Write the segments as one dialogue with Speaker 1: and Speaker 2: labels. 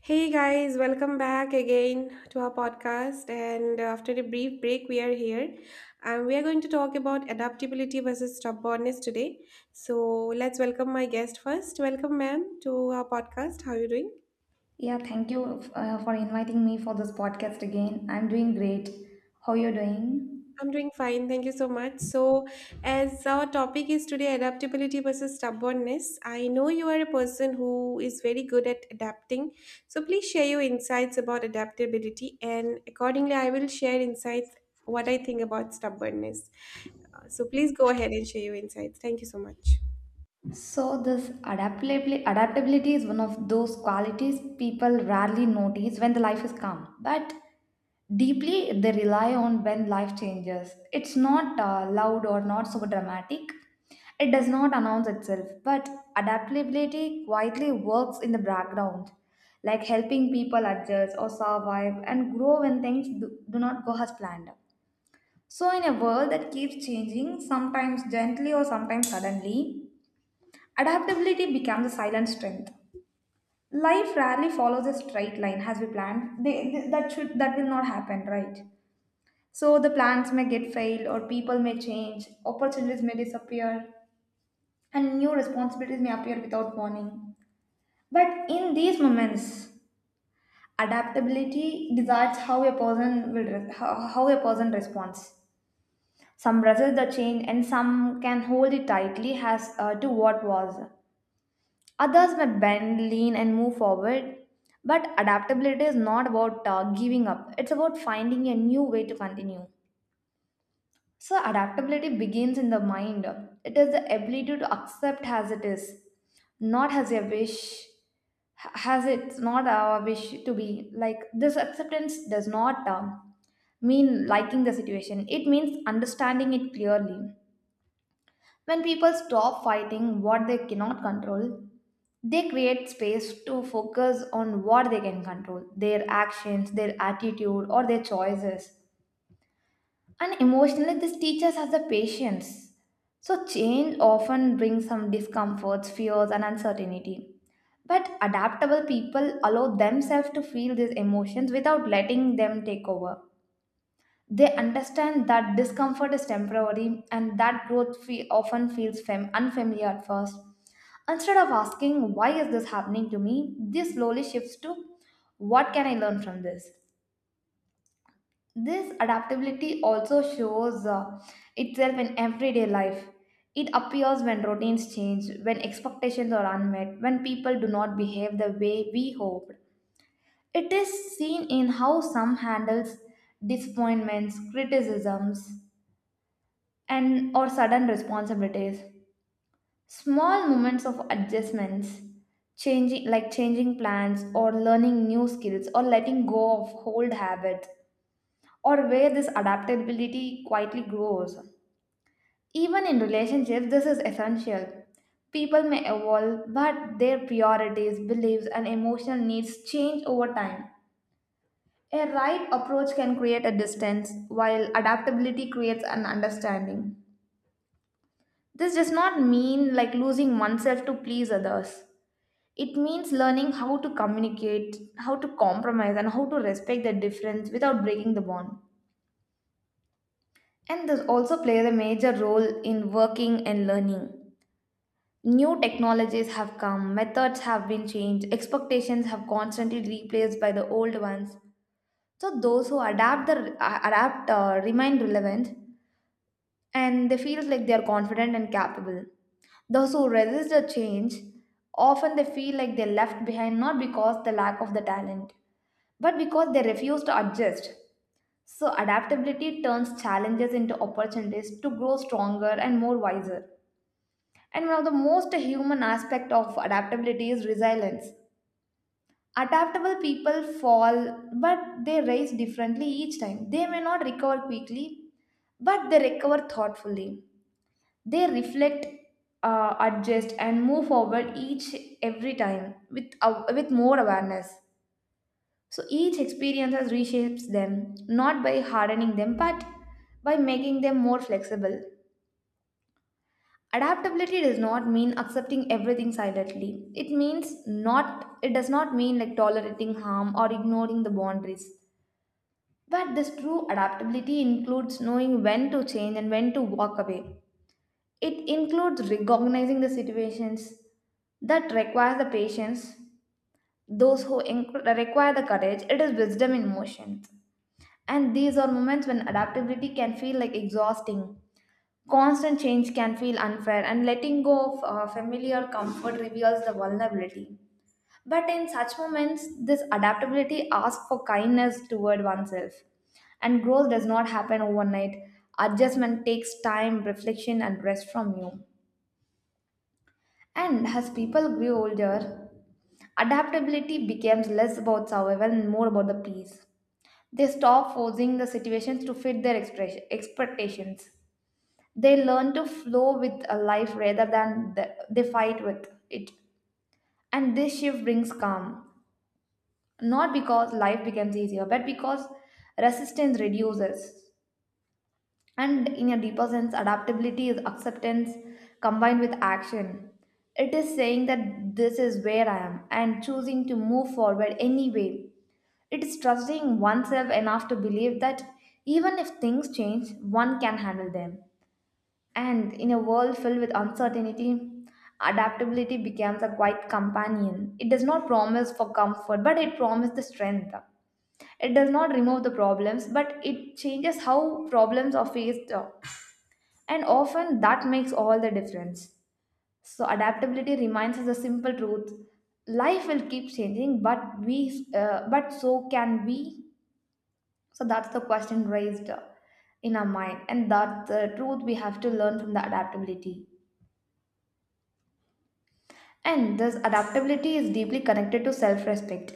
Speaker 1: Hey guys, welcome back again to our podcast. And after a brief break, we are here. And we are going to talk about adaptability versus stubbornness today. So let's welcome my guest first. Welcome, ma'am, to our podcast. How are you doing?
Speaker 2: Yeah, thank you for inviting me for this podcast again. I'm doing great. How you doing?
Speaker 1: I'm doing fine. Thank you so much. So, as our topic is today adaptability versus stubbornness, I know you are a person who is very good at adapting. So, please share your insights about adaptability, and accordingly, I will share insights what I think about stubbornness. So, please go ahead and share your insights. Thank you so much.
Speaker 2: So this adaptability is one of those qualities people rarely notice when the life is calm, but deeply they rely on when life changes. It's not loud or not so dramatic. It does not announce itself, but adaptability quietly works in the background, like helping people adjust or survive and grow when things do not go as planned. So in a world that keeps changing, sometimes gently or sometimes suddenly, adaptability becomes a silent strength. Life rarely follows a straight line as we planned. They, th- that should That will not happen, right? So the plans may get failed, or people may change, opportunities may disappear, and new responsibilities may appear without warning. But in these moments, adaptability decides how a person responds. Some resist the change, and some can hold it tightly as to what was. Others may bend, lean, and move forward. But adaptability is not about giving up, it's about finding a new way to continue. So, adaptability begins in the mind. It is the ability to accept as it is, not as a wish, as it's not our wish to be. Like, this acceptance does not mean liking the situation, it means understanding it clearly. When people stop fighting what they cannot control, they create space to focus on what they can control, their actions, their attitude, or their choices. And emotionally, this teaches us the patience. So, change often brings some discomforts, fears, and uncertainty. But adaptable people allow themselves to feel these emotions without letting them take over. They understand that discomfort is temporary and that often feels unfamiliar at first. Instead of asking, why is this happening to me, this slowly shifts to, what can I learn from this? This adaptability also shows itself in everyday life. It appears when routines change, when expectations are unmet, when people do not behave the way we hoped. It is seen in how some handles disappointments, criticisms, and or sudden responsibilities, small moments of adjustments, changing, like changing plans or learning new skills or letting go of old habits, or where this adaptability quietly grows. Even in relationships, this is essential. People may evolve, but their priorities, beliefs and emotional needs change over time. A right approach can create a distance, while adaptability creates an understanding. This does not mean like losing oneself to please others. It means learning how to communicate, how to compromise, and how to respect the difference without breaking the bond. And this also plays a major role in working and learning. New technologies have come, methods have been changed, expectations have constantly replaced by the old ones. So those who adapt remain relevant, and they feel like they are confident and capable. Those who resist the change, often they feel like they're left behind, not because the lack of the talent, but because they refuse to adjust. So adaptability turns challenges into opportunities to grow stronger and more wiser. And one of the most human aspect of adaptability is resilience. Adaptable people fall, but they rise differently each time. They may not recover quickly, but they recover thoughtfully. They reflect, adjust and move forward each every time with more awareness. So each experience has reshapes them, not by hardening them, but by making them more flexible. Adaptability does not mean accepting everything silently. It does not mean like tolerating harm or ignoring the boundaries, but this true adaptability includes knowing when to change and when to walk away. It includes recognizing the situations that require the patience, require the courage. It is wisdom in motion. And these are moments when adaptability can feel like exhausting. Constant change can feel unfair, and letting go of familiar comfort reveals the vulnerability. But in such moments, this adaptability asks for kindness toward oneself. And growth does not happen overnight. Adjustment takes time, reflection, and rest from you. And as people grew older, adaptability becomes less about survival and more about the peace. They stop forcing the situations to fit their expectations. They learn to flow with a life rather than they fight with it. And this shift brings calm, not because life becomes easier, but because resistance reduces. And in a deeper sense, adaptability is acceptance combined with action. It is saying that this is where I am and choosing to move forward anyway. It is trusting oneself enough to believe that even if things change, one can handle them. And in a world filled with uncertainty, adaptability becomes a quiet companion. It does not promise for comfort, but it promises the strength. It does not remove the problems, but it changes how problems are faced. And often that makes all the difference. So, adaptability reminds us the simple truth: life will keep changing, but but so can we. So, that's the question raised in our mind, and that's the truth we have to learn from the adaptability. And this adaptability is deeply connected to self respect.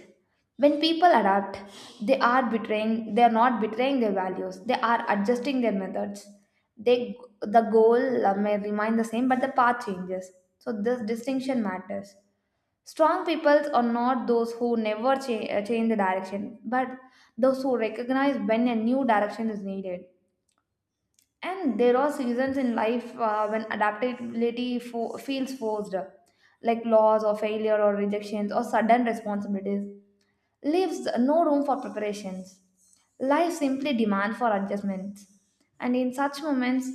Speaker 2: When people adapt, they are not betraying their values, they are adjusting their methods. The goal may remain the same, but the path changes. So, this distinction matters. Strong peoples are not those who never cha- change the direction, but those who recognize when a new direction is needed. And there are seasons in life when adaptability feels forced, like loss or failure or rejections or sudden responsibilities, leaves no room for preparations. Life simply demands for adjustments. And in such moments,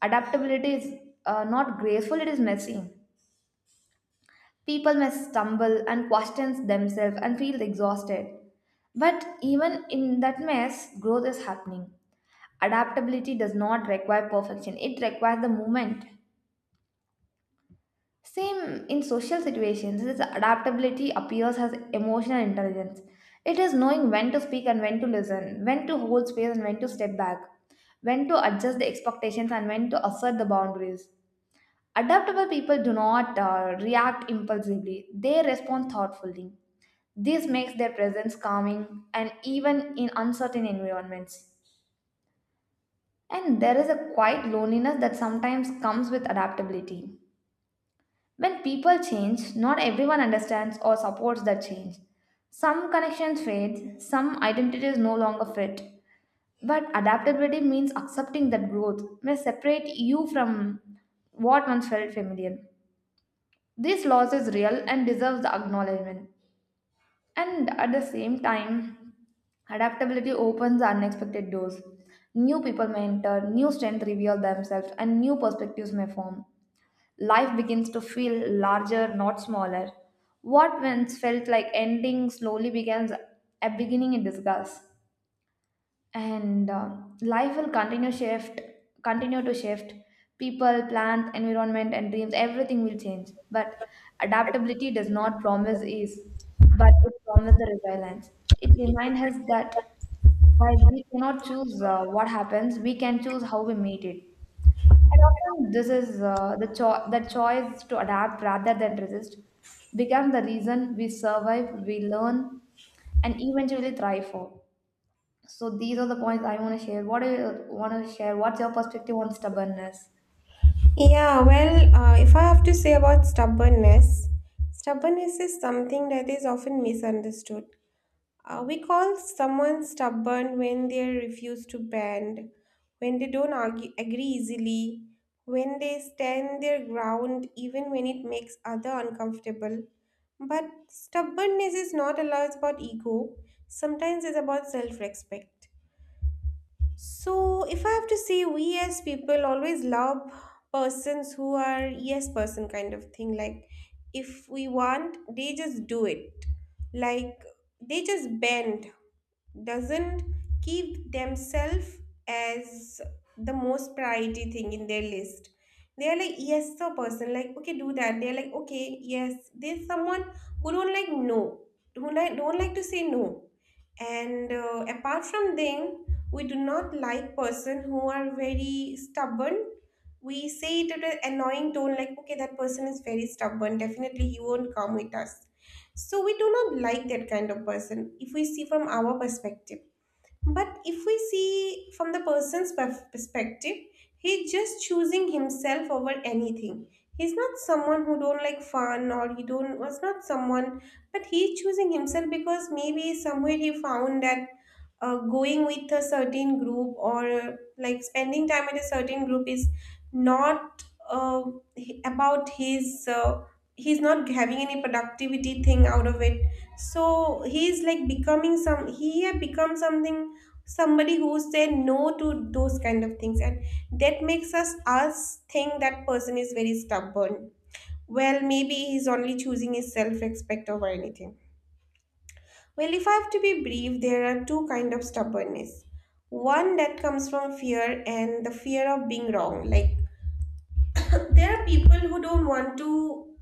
Speaker 2: adaptability is not graceful, it is messy. People may stumble and question themselves and feel exhausted. But even in that mess, growth is happening. Adaptability does not require perfection, it requires the movement. Same in social situations, this adaptability appears as emotional intelligence. It is knowing when to speak and when to listen, when to hold space and when to step back, when to adjust the expectations and when to assert the boundaries. Adaptable people do not react impulsively, they respond thoughtfully. This makes their presence calming and even in uncertain environments. And there is a quiet loneliness that sometimes comes with adaptability. When people change, not everyone understands or supports that change. Some connections fade, some identities no longer fit. But adaptability means accepting that growth may separate you from what once felt familiar. This loss is real and deserves the acknowledgement. And at the same time, adaptability opens unexpected doors. New people may enter, new strengths reveal themselves, and new perspectives may form. Life begins to feel larger, not smaller. What once felt like ending slowly becomes a beginning in disguise. And life will continue shift continue to shift. People, plants, environment and dreams, everything will change, but adaptability does not promise ease, but it promises the resilience. It reminds us that while we cannot choose what happens, we can choose how we meet it. And often this is the, cho- the choice to adapt rather than resist becomes the reason we survive, we learn, and eventually thrive for. So these are the points I want to share. What do you want to share? What's your perspective on stubbornness?
Speaker 1: Yeah, well, if I have to say about stubbornness, stubbornness is something that is often misunderstood. We call someone stubborn when they refuse to bend, when they don't argue, agree easily, when they stand their ground even when it makes other uncomfortable. But stubbornness is not always about ego. Sometimes it's about self-respect. So if I have to say, we as people always love persons who are yes person kind of thing. Like if we want, they just do it. Like they just bend, doesn't keep themselves as the most priority thing in their list. They are like yes the person, like, okay, do that. They're like okay, yes, there's someone who don't like no, who like don't like to say no. And apart from them, we do not like person who are very stubborn. We say it at an annoying tone, like okay, that person is very stubborn, definitely he won't come with us. So we do not like that kind of person if we see from our perspective. But if we see from the person's perspective, he's just choosing himself over anything. He's not someone who don't like fun, or he don't was not someone, but he's choosing himself because maybe somewhere he found that going with a certain group, or like spending time with a certain group is not uh, about his. He's not having any productivity thing out of it. So he's like becoming some, he had become something, somebody who say no to those kind of things. And that makes us think that person is very stubborn. Well, maybe he's only choosing his self-respect over anything. Well, if I have to be brief, there are two kind of stubbornness. One that comes from fear, and the fear of being wrong. Like there are people who don't want to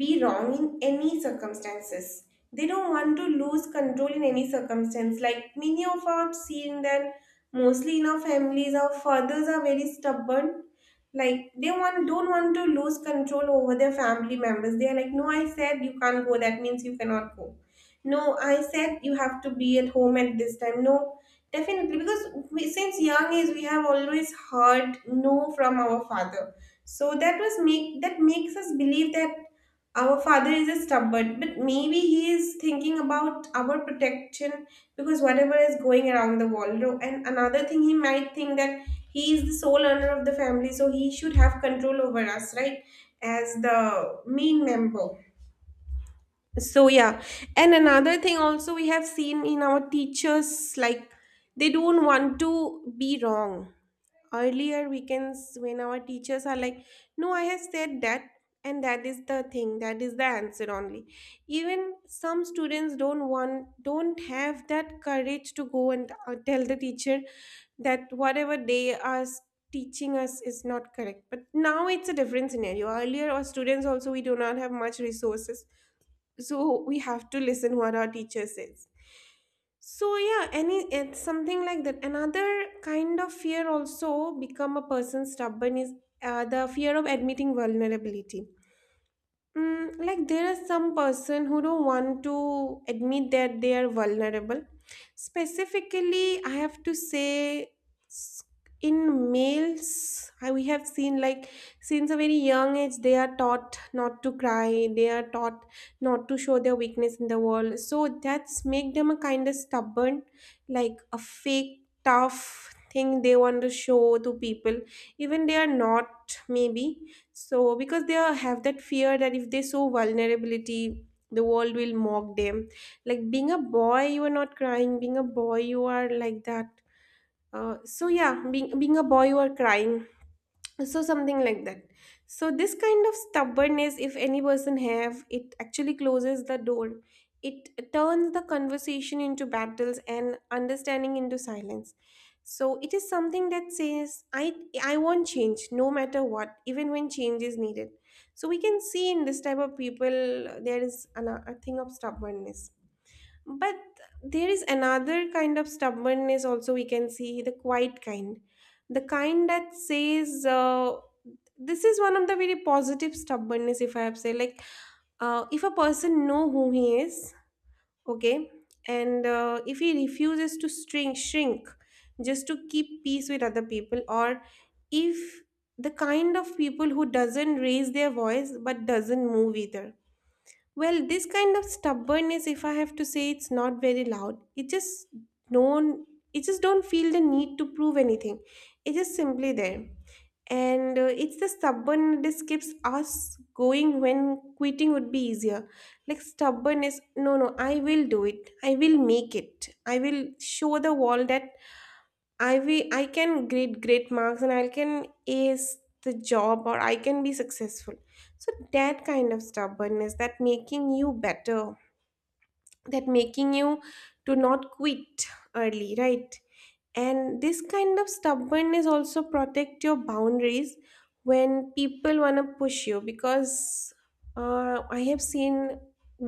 Speaker 1: be wrong in any circumstances. They don't want to lose control in any circumstance. Like many of us seeing that mostly in our families, our fathers are very stubborn. Like they want don't want to lose control over their family members. They are like, no, I said you can't go. That means you cannot go. No, I said you have to be at home at this time. No, definitely because we, since young age we have always heard no from our father, so that was make that makes us believe that our father is a stubborn, but maybe he is thinking about our protection, because whatever is going around the world, no? And another thing, he might think that he is the sole owner of the family, so he should have control over us, right, as the main member. So yeah. And another thing also we have seen in our teachers, like they don't want to be wrong. Earlier weekends, when our teachers are like, no, I have said that, and that is the thing, that is the answer only. Even some students don't want, don't have that courage to go and tell the teacher that whatever they are teaching us is not correct. But now it's a different scenario. Earlier our students also, we do not have much resources, so we have to listen what our teacher says. So yeah, any it's something like that. Another kind of fear also become a person stubborn is the fear of admitting vulnerability. Like there are some person who don't want to admit that they are vulnerable. Specifically, I have to say, s- in males, we have seen like since a very young age they are taught not to cry. They are taught not to show their weakness in the world. So that's make them a kind of stubborn, like a fake tough thing they want to show to people, even they are not maybe. So because they are, have that fear that if they show vulnerability, the world will mock them. Like being a boy, you are not crying. Being a boy, you are like that. So yeah, being a boy, you are crying, so something like that. So this kind of stubbornness, if any person have it, actually closes the door. It turns the conversation into battles and understanding into silence. So it is something that says, I want change no matter what, even when change is needed. So we can see in this type of people, there is a thing of stubbornness. But there is another kind of stubbornness also we can see, the quiet kind. The kind that says, this is one of the very positive stubbornness, if I have say, like, if a person know who he is, okay, and if he refuses to shrink just to keep peace with other people, or if the kind of people who doesn't raise their voice but doesn't move either. Well, this kind of stubbornness, if I have to say, it's not very loud. It just don't. It just don't feel the need to prove anything. It's just simply there, and it's the stubbornness keeps us going when quitting would be easier. Like stubbornness, no, no, I will do it. I will make it. I will show the world that I can grade great marks, and I can ace the job, or I can be successful. So that kind of stubbornness, that making you better, that making you to not quit early, right? And this kind of stubbornness also protect your boundaries when people want to push you. Because I have seen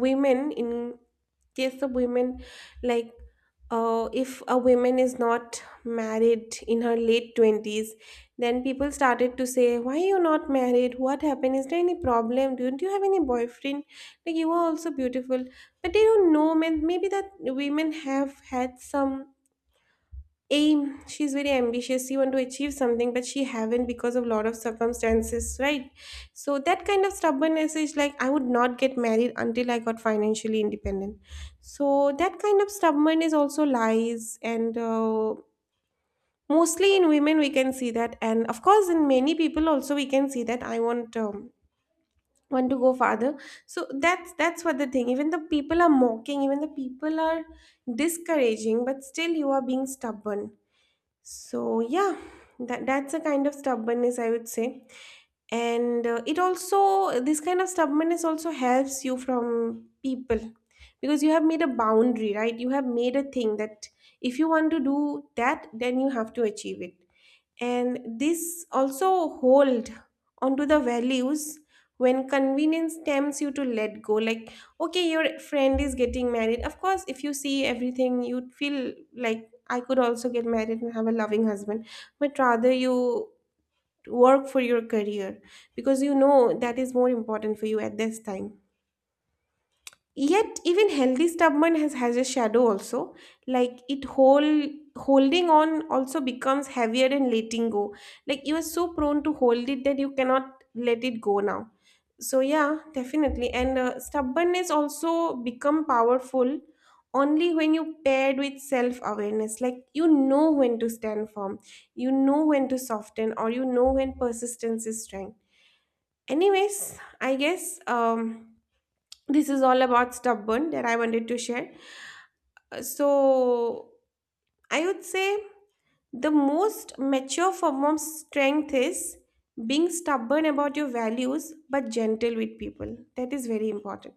Speaker 1: women, in case of women, like, if a woman is not married in her late 20s, then people started to say, why are you not married, what happened, is there any problem, don't you have any boyfriend, like you are also beautiful. But they don't know, man, maybe that women have had some aim, she's very ambitious, she want to achieve something, but she haven't, because of lot of circumstances, right? So that kind of stubbornness is like, I would not get married until I got financially independent. So that kind of stubbornness also lies, and mostly in women we can see that, and of course in many people also we can see that, I want to go farther. So that's what the thing, even the people are mocking, even the people are discouraging, but still you are being stubborn. So yeah, that's a kind of stubbornness I would say. And it also, this kind of stubbornness also helps you from people, because you have made a boundary, right? You have made a thing that if you want to do that, then you have to achieve it. And this also hold onto the values when convenience tempts you to let go. Like okay, your friend is getting married, of course, if you see everything, you'd feel like I could also get married and have a loving husband. But rather, you work for your career because you know that is more important for you at this time. Yet even healthy stubborn has a shadow also. Like it holding on also becomes heavier than letting go. Like you are so prone to hold it that you cannot let it go now. So yeah, definitely. And stubbornness also become powerful only when you paired with self awareness. Like you know when to stand firm, you know when to soften, or you know when persistence is strength. Anyways, I guess this is all about stubborn that I wanted to share. So, I would say the most mature form of strength is being stubborn about your values but gentle with people. That is very important.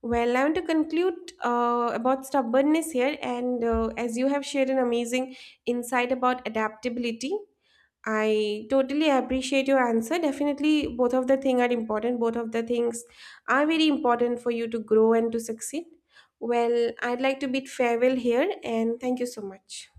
Speaker 1: Well, I want to conclude about stubbornness here, and as you have shared an amazing insight about adaptability, I totally appreciate your answer. Definitely, both of the things are important. Both of the things are very important for you to grow and to succeed. Well, I'd like to bid farewell here and thank you so much.